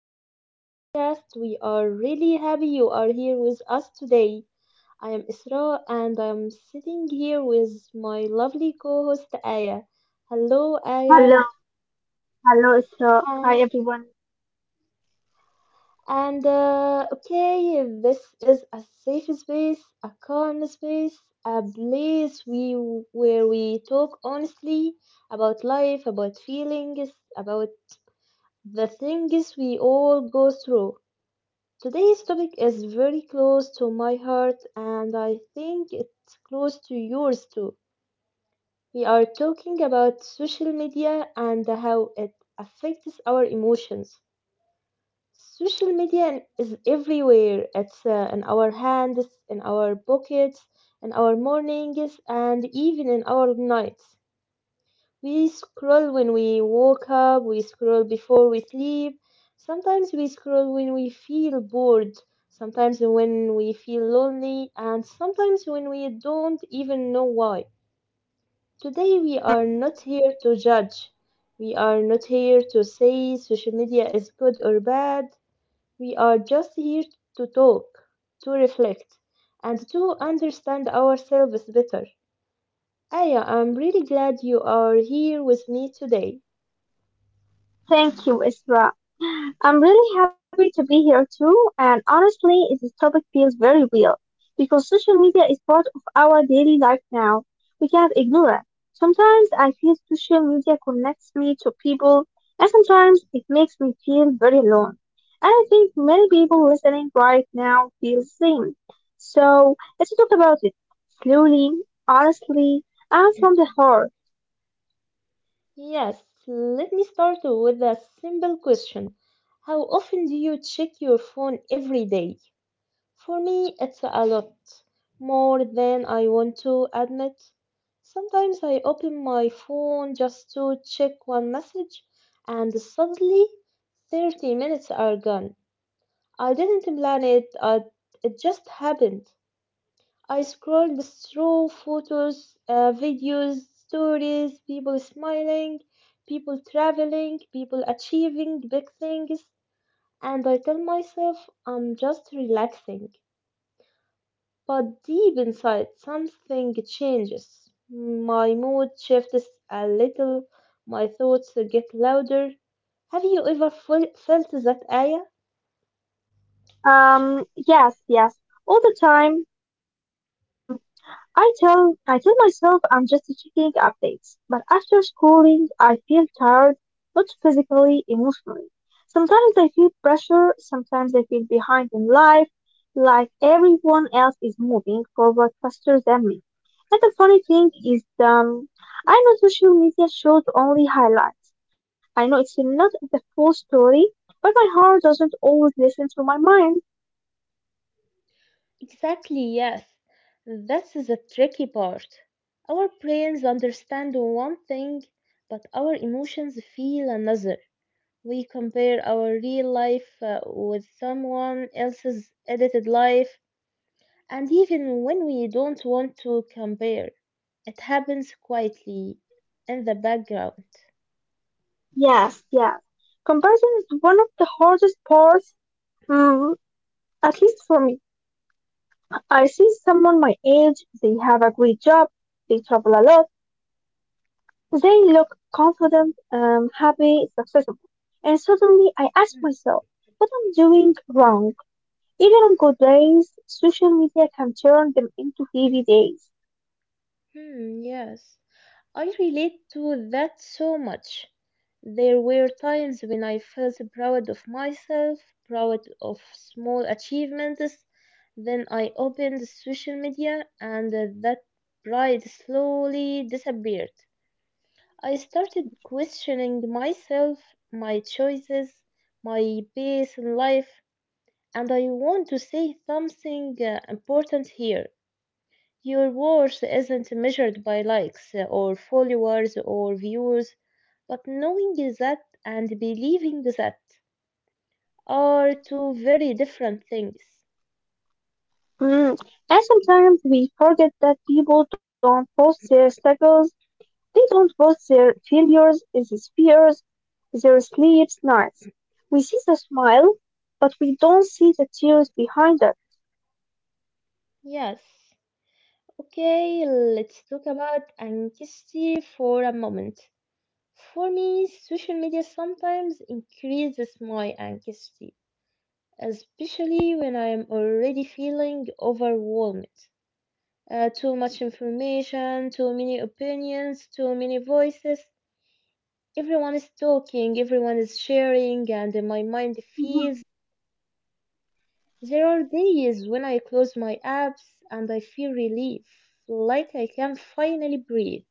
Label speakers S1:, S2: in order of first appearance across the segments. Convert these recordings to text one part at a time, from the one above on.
S1: to our podcast. We are really happy you are here with us today. I am Isra and I'm sitting here with my lovely co host Aya. Hello, Aya.
S2: Hello, hello, Isra.
S1: Uh,
S2: Hi, everyone.
S1: this is a safe space, a calm space, a place we where we talk honestly about life, about feelings, about the things we all go through. Today's topic is very close to my heart, and I think it's close to yours too. We are talking about social media and how it affects our emotions. Social media is everywhere. It's in our hands, in our pockets, in our mornings, and even in our nights. We scroll when we woke up, we scroll before we sleep, sometimes we scroll when we feel bored, sometimes when we feel lonely, and sometimes when we don't even know why. Today we are
S2: Hmm.
S1: not here to judge. We are not
S2: Yes,
S1: here to say social media is good or bad. We are just here to talk, to reflect, and to understand ourselves better. Aya, I'm really glad you are here with me today.
S2: thank you, Isra. I'm really happy to be here too, and honestly, this topic feels very real because social media is part of our daily life now. We can't ignore it. Sometimes I feel social media connects me to people, and sometimes it makes me feel very alone. And I think many people listening right now feel the same. So let's talk about it slowly, honestly, and from the heart.
S1: Yes, let me start with a simple question. How often do you check your phone every day? For me, it's a lot, more than I want to admit. Sometimes I open my phone just to check one message, and suddenly 30 minutes are gone. I didn't plan it. It just happened. I scrolled through photos, videos, stories, people smiling, people traveling, people achieving big things, and I tell myself I'm just relaxing. But deep inside, something changes. My mood shifts a little, my thoughts get louder. Have you ever felt that, Aya?
S2: Yes, yes, all the time. I tell myself I'm just checking updates, but after schooling, I feel tired, not physically, emotionally. Sometimes I feel pressure, sometimes I feel behind in life, like everyone else is moving forward faster than me. And the funny thing is, I know social media shows only highlights. I know it's not the full story, but my heart doesn't always listen to my mind.
S1: Exactly, yes. This is a tricky part. Our brains understand one thing, but our emotions feel another. We compare our real life with someone else's edited life, and even when we don't want to compare, it happens quietly in the background.
S2: Yes, yes. Comparison is one of the hardest parts, mm, at least for me. I see someone my age, they have a great job, they travel a lot, they look confident, happy, successful. And suddenly I ask myself, what I'm doing wrong? Even on good days, social media can turn them into heavy days.
S1: Hmm, yes. I relate to that so much. There were times when I felt proud of myself, proud of small achievements. Then I opened social media and that pride slowly disappeared. I started questioning myself, my choices, my pace in life, and I want to say something important here. Your worth isn't measured by likes or followers or views, but knowing that and believing that are two very different things.
S2: Mm. And sometimes we forget that people don't post their struggles. They don't post their failures as fears, their sleepless nights. We see the smile, but we don't see the tears behind it.
S1: Yes. Okay, let's talk about anxiety for a moment. For me, social media sometimes increases my anxiety, especially when I am already feeling overwhelmed. Too much information, too many opinions, too many voices. Everyone is talking, everyone is sharing, and my mind
S2: Mhm.
S1: feels. There are days when I close my apps and I feel relief, like I can finally breathe.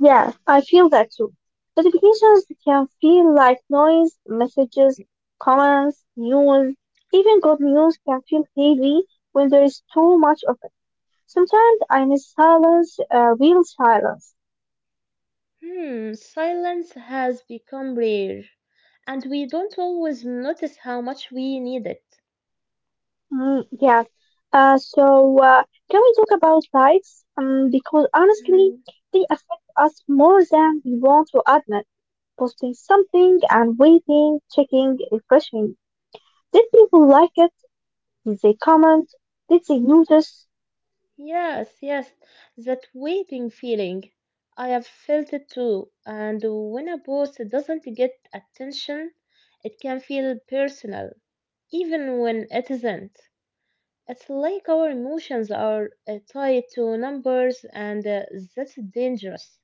S2: Yeah, I feel that too. Notifications can feel like noise, messages, comments, news, even good news can feel heavy when there is too much of it. Sometimes I miss silence, real silence.
S1: Hmm, silence has become rare, and we don't always notice how much we need it.
S2: Mm, yes. Uh, so, uh, can we talk about likes? Because honestly,
S1: Hmm,
S2: they affect us more than we want to admit. Posting something and waiting, checking, refreshing. Did people like it? Did they comment? Did they notice?
S1: yes, yes, that waiting feeling. I have felt it too, and when a post doesn't get attention, it can feel personal, even when it isn't. It's like our emotions are tied to numbers, and that's dangerous.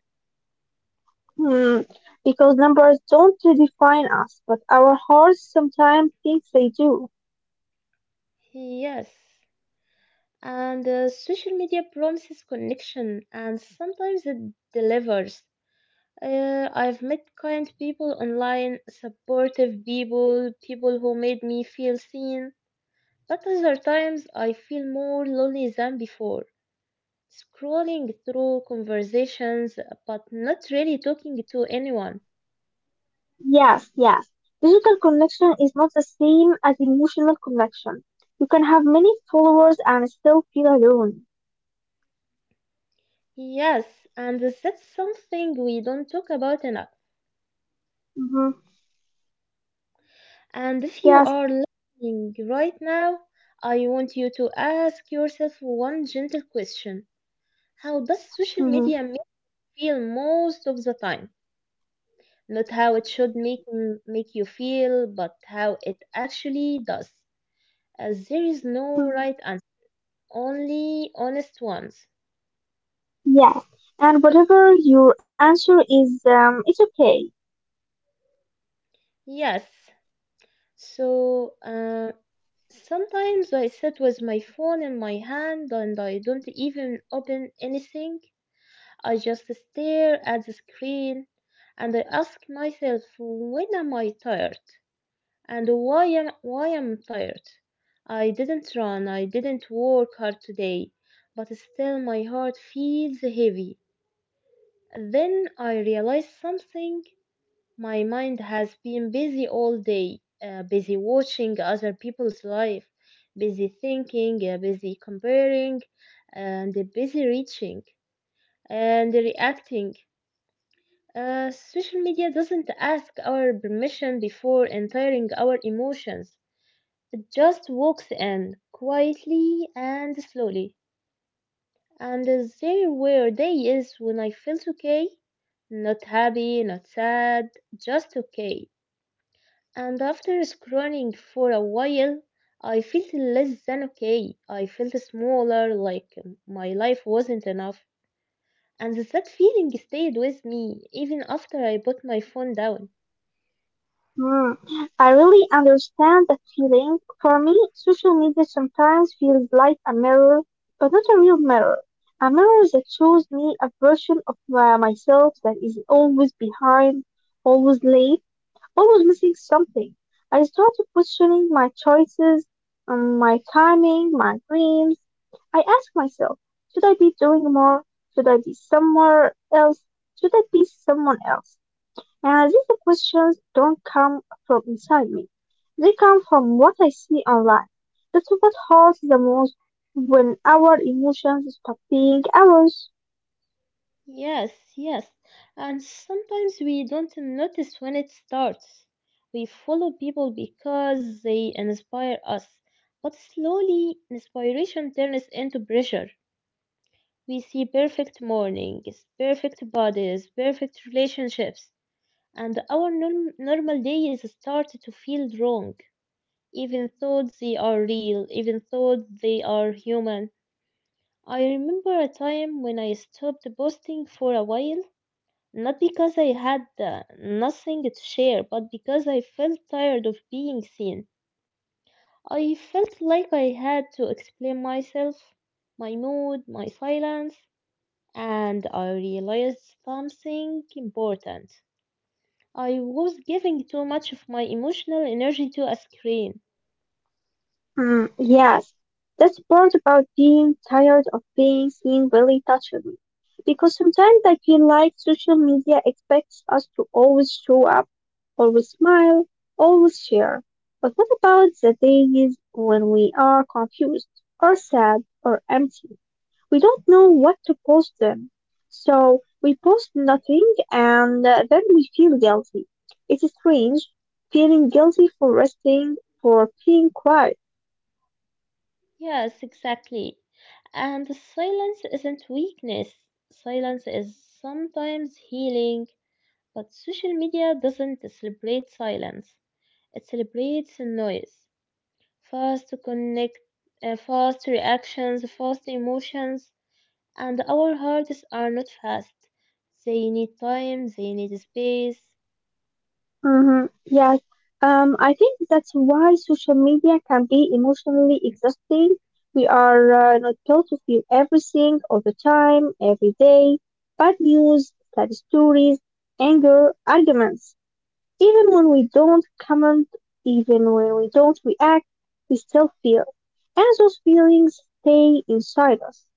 S2: Hmm. Because numbers don't define us, but our hearts sometimes think they do.
S1: Yes, and social media promises connection, and sometimes it delivers. I've met kind people online, supportive people, people who made me feel seen, but other times I feel more lonely than before. Scrolling through conversations, but not really talking to anyone.
S2: Yes, yes. Digital connection is not the same as emotional connection. You can have many followers and still feel alone.
S1: Yes, and that's something we don't talk about enough.
S2: Hmm.
S1: And if
S2: Yes.
S1: you are listening right now, I want you to ask yourself one gentle question. How does social
S2: Hmm.
S1: media make you feel most of the time? Not how it should make you feel, but how it actually does. As there is no right answer, only honest ones.
S2: Yes. And whatever your answer is, it's okay.
S1: Yes. So, uh, Sometimes I sit with my phone in my hand and I don't even open anything. I just stare at the screen and I ask myself when am I tired and why am I tired? I didn't run, I didn't work hard today, but still my heart feels heavy. Then I realize something. My mind has been busy all day, busy watching other people's life, busy thinking, busy comparing, and busy reaching and reacting. Social media doesn't ask our permission before entering our emotions. It just walks in quietly and slowly. And there were days when I felt okay, not happy, not sad, just okay. And after scrolling for a while, I felt less than okay. I felt smaller, like my life wasn't enough. And that feeling stayed with me even after I put my phone down.
S2: Mm. I really understand that feeling. For me, social media sometimes feels like a mirror, but not a real mirror. A mirror that shows me a version of myself that is always behind, always late. I was missing something. I started questioning my choices, my timing, my dreams. I asked myself, should I be doing more? Should I be somewhere else? Should I be someone else? And these questions don't come from inside me. They come from what I see online. That's what hurts the most when our emotions stop being ours.
S1: Yes, yes. And sometimes we don't notice when it starts. We follow people because they inspire us. But slowly, inspiration turns into pressure. We see perfect mornings, perfect bodies, perfect relationships, and our normal days start to feel wrong, even though they are real, even though they are human. I remember a time when I stopped posting for a while, not because I had nothing to share, but because I felt tired of being seen. I felt like I had to explain myself, my mood, my silence, and I realized something important. I was giving too much of my emotional energy to a screen.
S2: Mm, yes, that part about being tired of being seen really touches me. Because sometimes I feel like social media expects us to always show up, always smile, always share. But what about the days when we are confused, or sad, or empty? We don't know what to post them. So we post nothing and then we feel guilty. It is strange, feeling guilty for resting, for being quiet.
S1: Yes, exactly. And silence isn't weakness. Silence is sometimes healing, but social media doesn't celebrate silence. It celebrates noise. Fast to connect, fast reactions, fast emotions, and our hearts are not fast. They need time, they need space.
S2: Mm-hmm. Yes. I think that's why social media can be emotionally exhausting. We are not told to feel everything all the time, every day, bad news, sad stories, anger, arguments. Even when we don't comment, even when we don't react, we still feel. And those feelings stay inside us.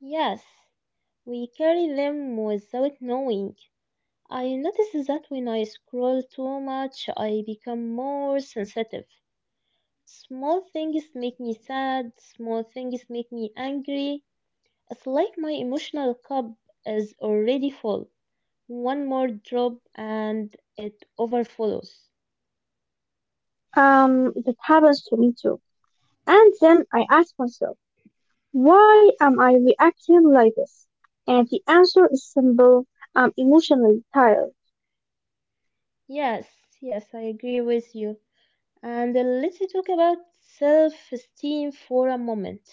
S1: Yes, we carry them without knowing. I notice that when I scroll too much, I become more sensitive. Small things make me sad, small things make me angry. It's like my emotional cup is already full. One more drop and it overflows.
S2: That happens to me too. And then I ask myself, why am I reacting like this? And the answer is simple. I'm emotionally tired.
S1: Yes, yes, I agree with you. And let's talk about self esteem for a moment.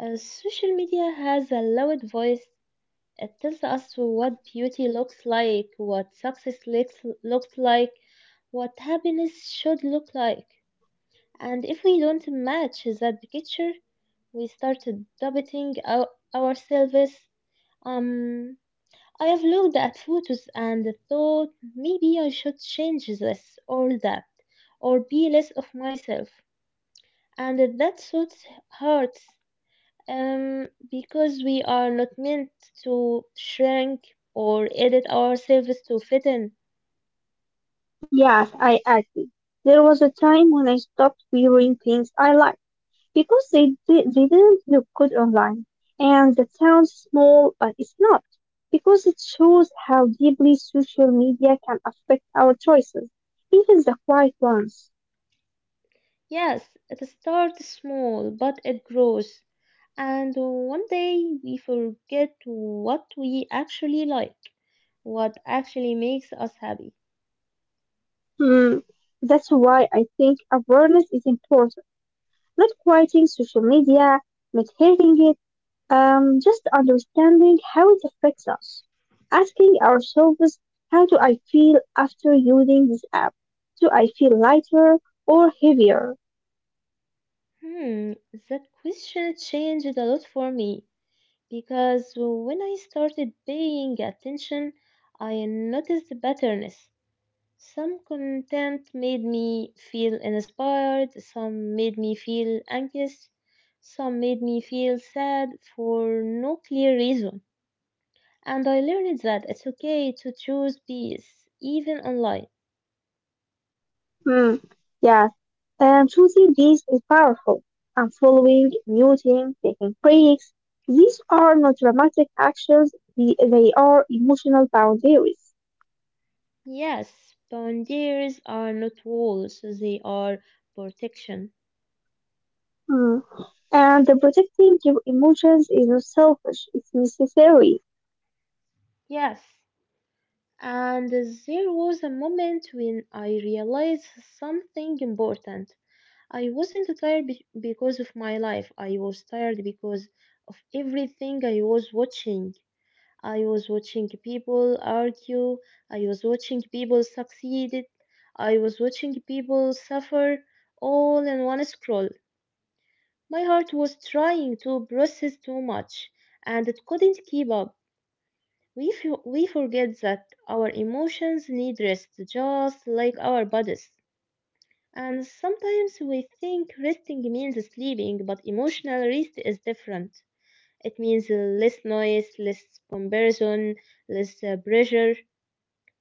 S1: Social media has a loud voice. It tells us what beauty looks like, what looks like, what happiness should look like. And if we don't match that picture, we start doubting our, ourselves. Um, I have looked at photos and thought maybe I should change this or that, or be less of myself. And that thought hurts, because we are not meant to shrink or edit ourselves to fit in.
S2: Yes, I agree. There was a time when I stopped wearing things I liked because they didn't look good online. And that sounds small, but it's not, because it shows how deeply social media can affect our choices, even the quiet ones.
S1: Yes, it starts small, but it grows. And one day we forget what we actually like, what actually makes us happy.
S2: Hmm. That's why I think awareness is important. Not quieting social media, not hating it, just understanding how it affects us. Asking ourselves, how do I feel after using this app? Do I feel lighter or heavier?
S1: Hmm, that question changed a lot for me because when I started paying attention, I noticed patterns. Some content made me feel inspired, some made me feel anxious, some made me feel sad for no clear reason. And I learned that it's okay to choose peace, even online.
S2: Hmm. Yeah. Choosing these is powerful. And following, muting, taking breaks. These are not dramatic actions. They are emotional boundaries.
S1: Yes, boundaries are not walls, they are protection.
S2: Hmm. And protecting your emotions is not selfish. It's necessary.
S1: Yes. And there was a moment when I realized something important. I wasn't tired because of my life. I was tired because of everything I was watching. I was watching people argue. I was watching people succeed. I was watching people suffer, all in one scroll. My heart was trying to process too much and it couldn't keep up. We forget that our emotions need rest just like our bodies. And sometimes we think resting means sleeping, but emotional rest is different. It means less noise, less comparison, less pressure.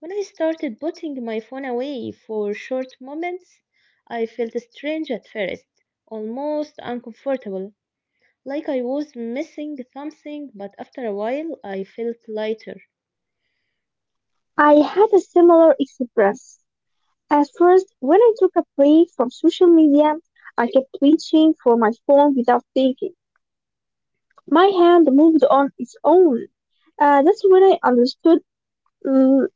S1: When I started putting my phone away for short moments, I felt strange at first, almost uncomfortable, like I was missing something, but after a while I felt lighter.
S2: I had a similar experience. At first, when I took a break from social media, I kept reaching for my phone without thinking. My hand moved on its own. That's when I understood mm,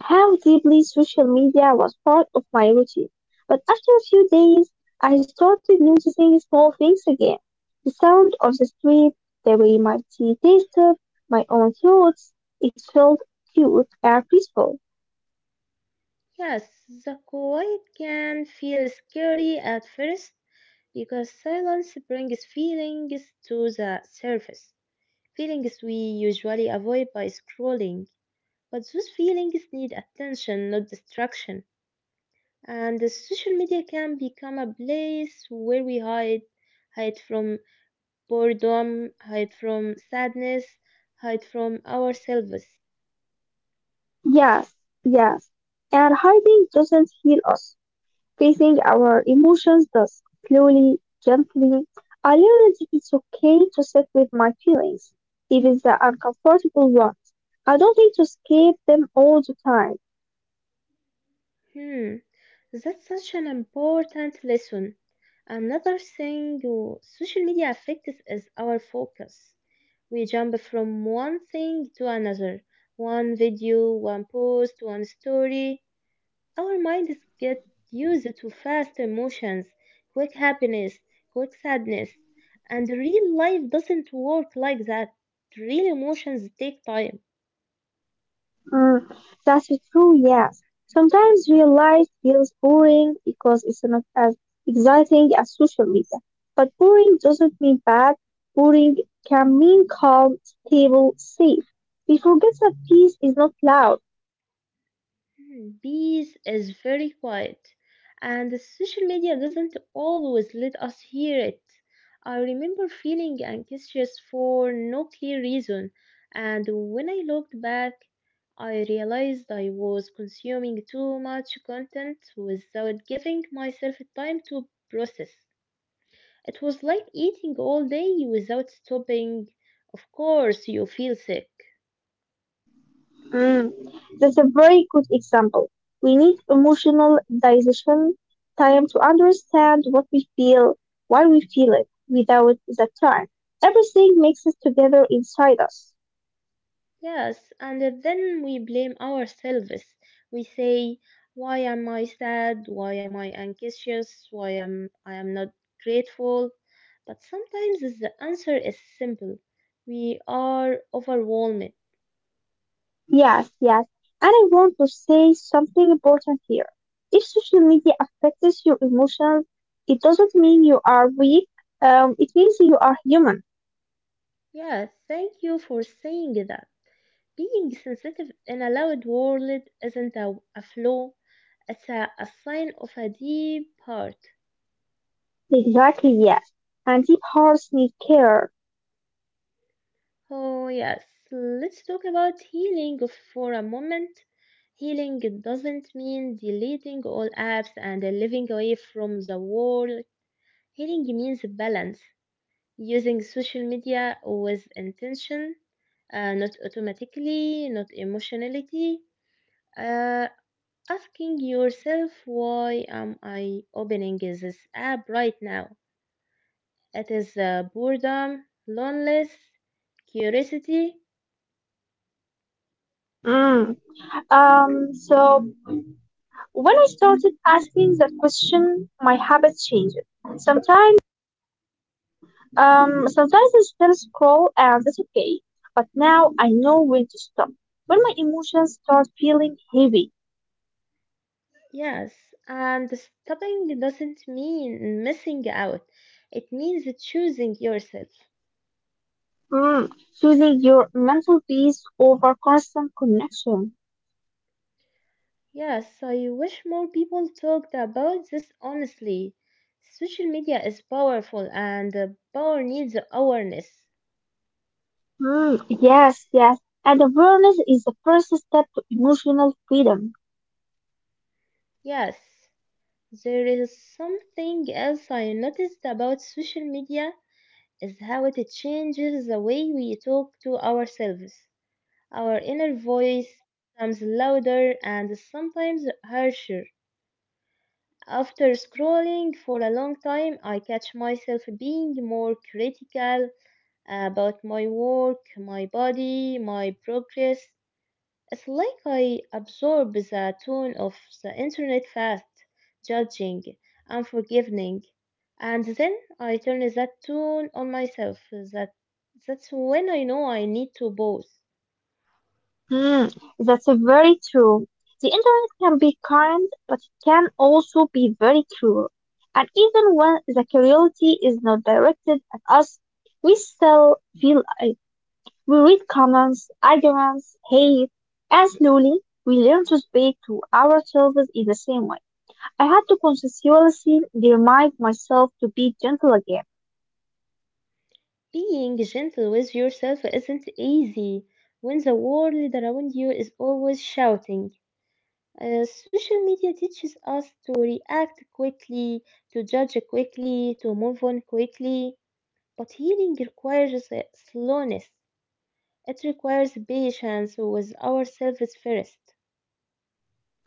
S2: how deeply social media was part of my routine. But after a few days, I started noticing small things again. The sound of the street, the way my tea tasted, my own thoughts. It felt cute and peaceful.
S1: Yes, the quiet can feel scary at first, because silence brings feelings to the surface, feelings we usually avoid by scrolling. But those feelings need attention, not distraction. And the social media can become a place where we hide, hide from boredom, hide from sadness, hide from ourselves.
S2: Yes, yes. And hiding doesn't heal us. Facing our emotions thus, slowly, gently, I learned that it's okay to sit with my feelings, even the uncomfortable ones. I don't need to escape them all the time.
S1: Hmm, that's such an important lesson. Another thing, social media affects, is our focus. We jump from one thing to another, one video, one post, one story. Our minds get used to fast emotions, quick happiness, quick sadness, and real life doesn't work like that. Real emotions take time.
S2: Mm, that's true, yes. Sometimes real life feels boring because it's not as exciting as social media. But boring doesn't mean bad. Boring can mean calm, stable, safe. We forget that peace is not loud.
S1: Hmm, peace is very quiet, and the social media doesn't always let us hear it. I remember feeling anxious for no clear reason, and when I looked back, I realized I was consuming too much content without giving myself time to process. It was like eating all day without stopping. Of course, you feel sick.
S2: Mm, that's a very good example. We need emotional digestion, time to understand what we feel, why we feel it. Without that time, everything mixes together inside us.
S1: Yes, and then we blame ourselves. We say, "Why am I sad? Why am I anxious? Why am I am not grateful?" But sometimes the answer is simple. We are overwhelmed.
S2: Yes, yes. And I want to say something important here. If social media affects your emotions, it doesn't mean you are weak. It means you are human.
S1: Yes, thank you for saying that. Being sensitive in a loud world isn't a flaw, it's a sign of a deep heart.
S2: Exactly, yes. And deep hearts need care.
S1: Oh, yes. Let's talk about healing for a moment. Healing doesn't mean deleting all apps and living away from the world. Healing means balance, using social media with intention, not automatically, not emotionality. Uh, Asking yourself, why am I opening this app right now? It is boredom, loneliness, curiosity.
S2: Mm. Um, so When I started asking that question, my habits changed. Sometimes, Sometimes I still scroll, and that's okay. But now I know when to stop. When my emotions start feeling heavy,
S1: Yes, and stopping doesn't mean missing out. It means choosing yourself.
S2: mm, choosing your mental peace over constant connection.
S1: Yes, I wish more people talked about this honestly. Social media is powerful, and power needs awareness.
S2: Mm, yes, yes. And awareness is the first step to emotional freedom.
S1: Yes, there is something else I noticed about social media is how it changes the way we talk to ourselves. Our inner voice becomes louder and sometimes harsher. After scrolling for a long time, I catch myself being more critical about my work, my body, my progress. It's like I absorb the tone of the internet fast, judging, unforgiving, and then I turn that tone on myself. That's when I know I need to pause.
S2: Hmm, that's very true. The internet can be kind, but it can also be very cruel. And even when the cruelty is not directed at us, we still feel it. We read comments, arguments, hate, and slowly we learn to speak to ourselves in the same way. I had to consciously remind myself to be gentle again.
S1: Being gentle with yourself isn't easy when the world around you is always shouting. Social media teaches us to react quickly, to judge quickly, to move on quickly. But healing requires slowness. It requires patience with ourselves first.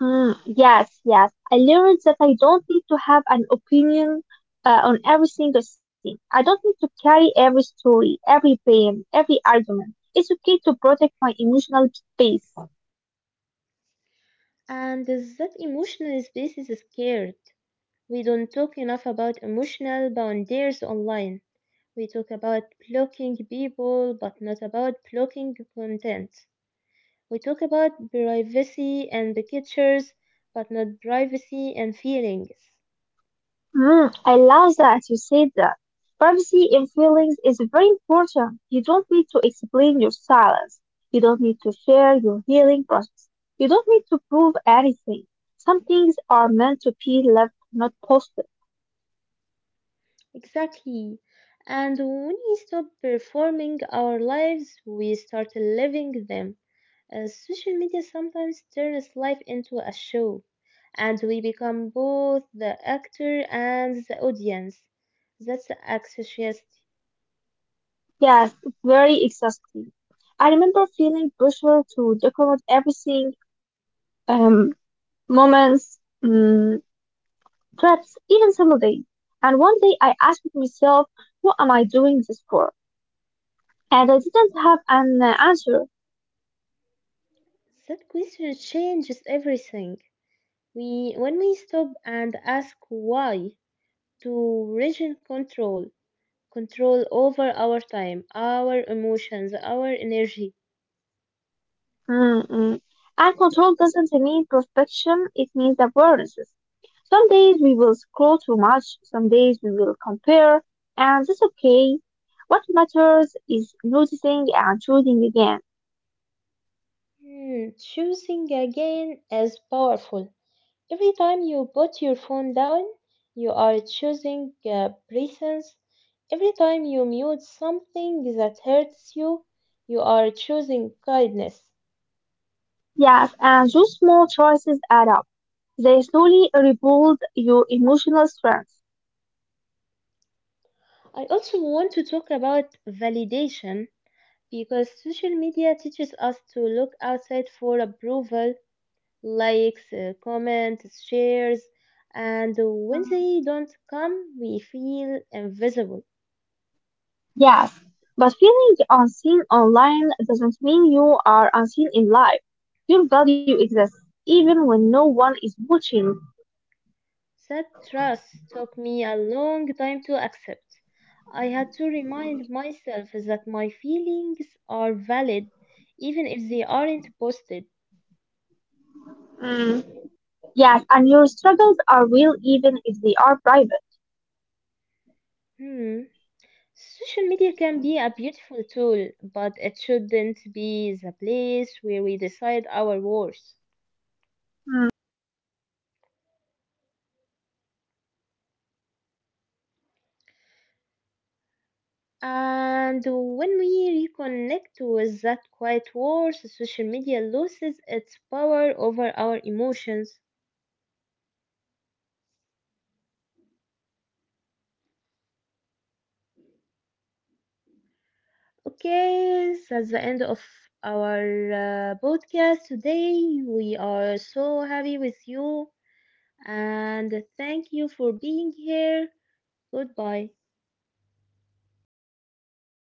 S2: Mm, yes, yes. I learned that I don't need to have an opinion on every single thing. I don't need to carry every story, every pain, every argument. It's okay to protect my emotional space.
S1: And that emotional space is scared. We don't talk enough about emotional boundaries online. We talk about blocking people, but not about blocking content. We talk about privacy and the pictures, but not privacy and feelings.
S2: Mm, I love that you said that. Privacy in feelings is very important. You don't need to explain your silence. You don't need to share your healing process. You don't need to prove anything. Some things are meant to be left, not posted.
S1: Exactly. And when we stop performing our lives, we start living them. Social media sometimes turns life into a show, and we become both the actor and the audience. That's anxious.
S2: Yes, it's very exhausting. I remember feeling pressure to document everything, um, moments, trips, even single days. And one day I asked myself, what am I doing this for? And I didn't have an answer.
S1: That question changes everything. When we stop and ask why, to regain control, control over our time, our emotions, our energy.
S2: Mm-mm. And control doesn't mean perfection, it means awarenesses. Some days we will scroll too much, some days we will compare, and that's okay. What matters is noticing and choosing again.
S1: Hmm, choosing again is powerful. Every time you put your phone down, you are choosing presence. Every time you mute something that hurts you, you are choosing kindness.
S2: Yes, and those small choices add up. They slowly rebuild your emotional strength.
S1: I also want to talk about validation because social media teaches us to look outside for approval. Likes, comments, shares, and when they don't come, we feel invisible. That trust took me a long time to accept. I had to remind myself that my feelings are valid even if they aren't posted. Hmm. Social media can be a beautiful tool, but it shouldn't be the place where we decide our worth. And when we reconnect with that quiet force, social media loses its power over our emotions. Okay, so that's the end of our podcast today. We are so happy with you and thank you for being here. Goodbye.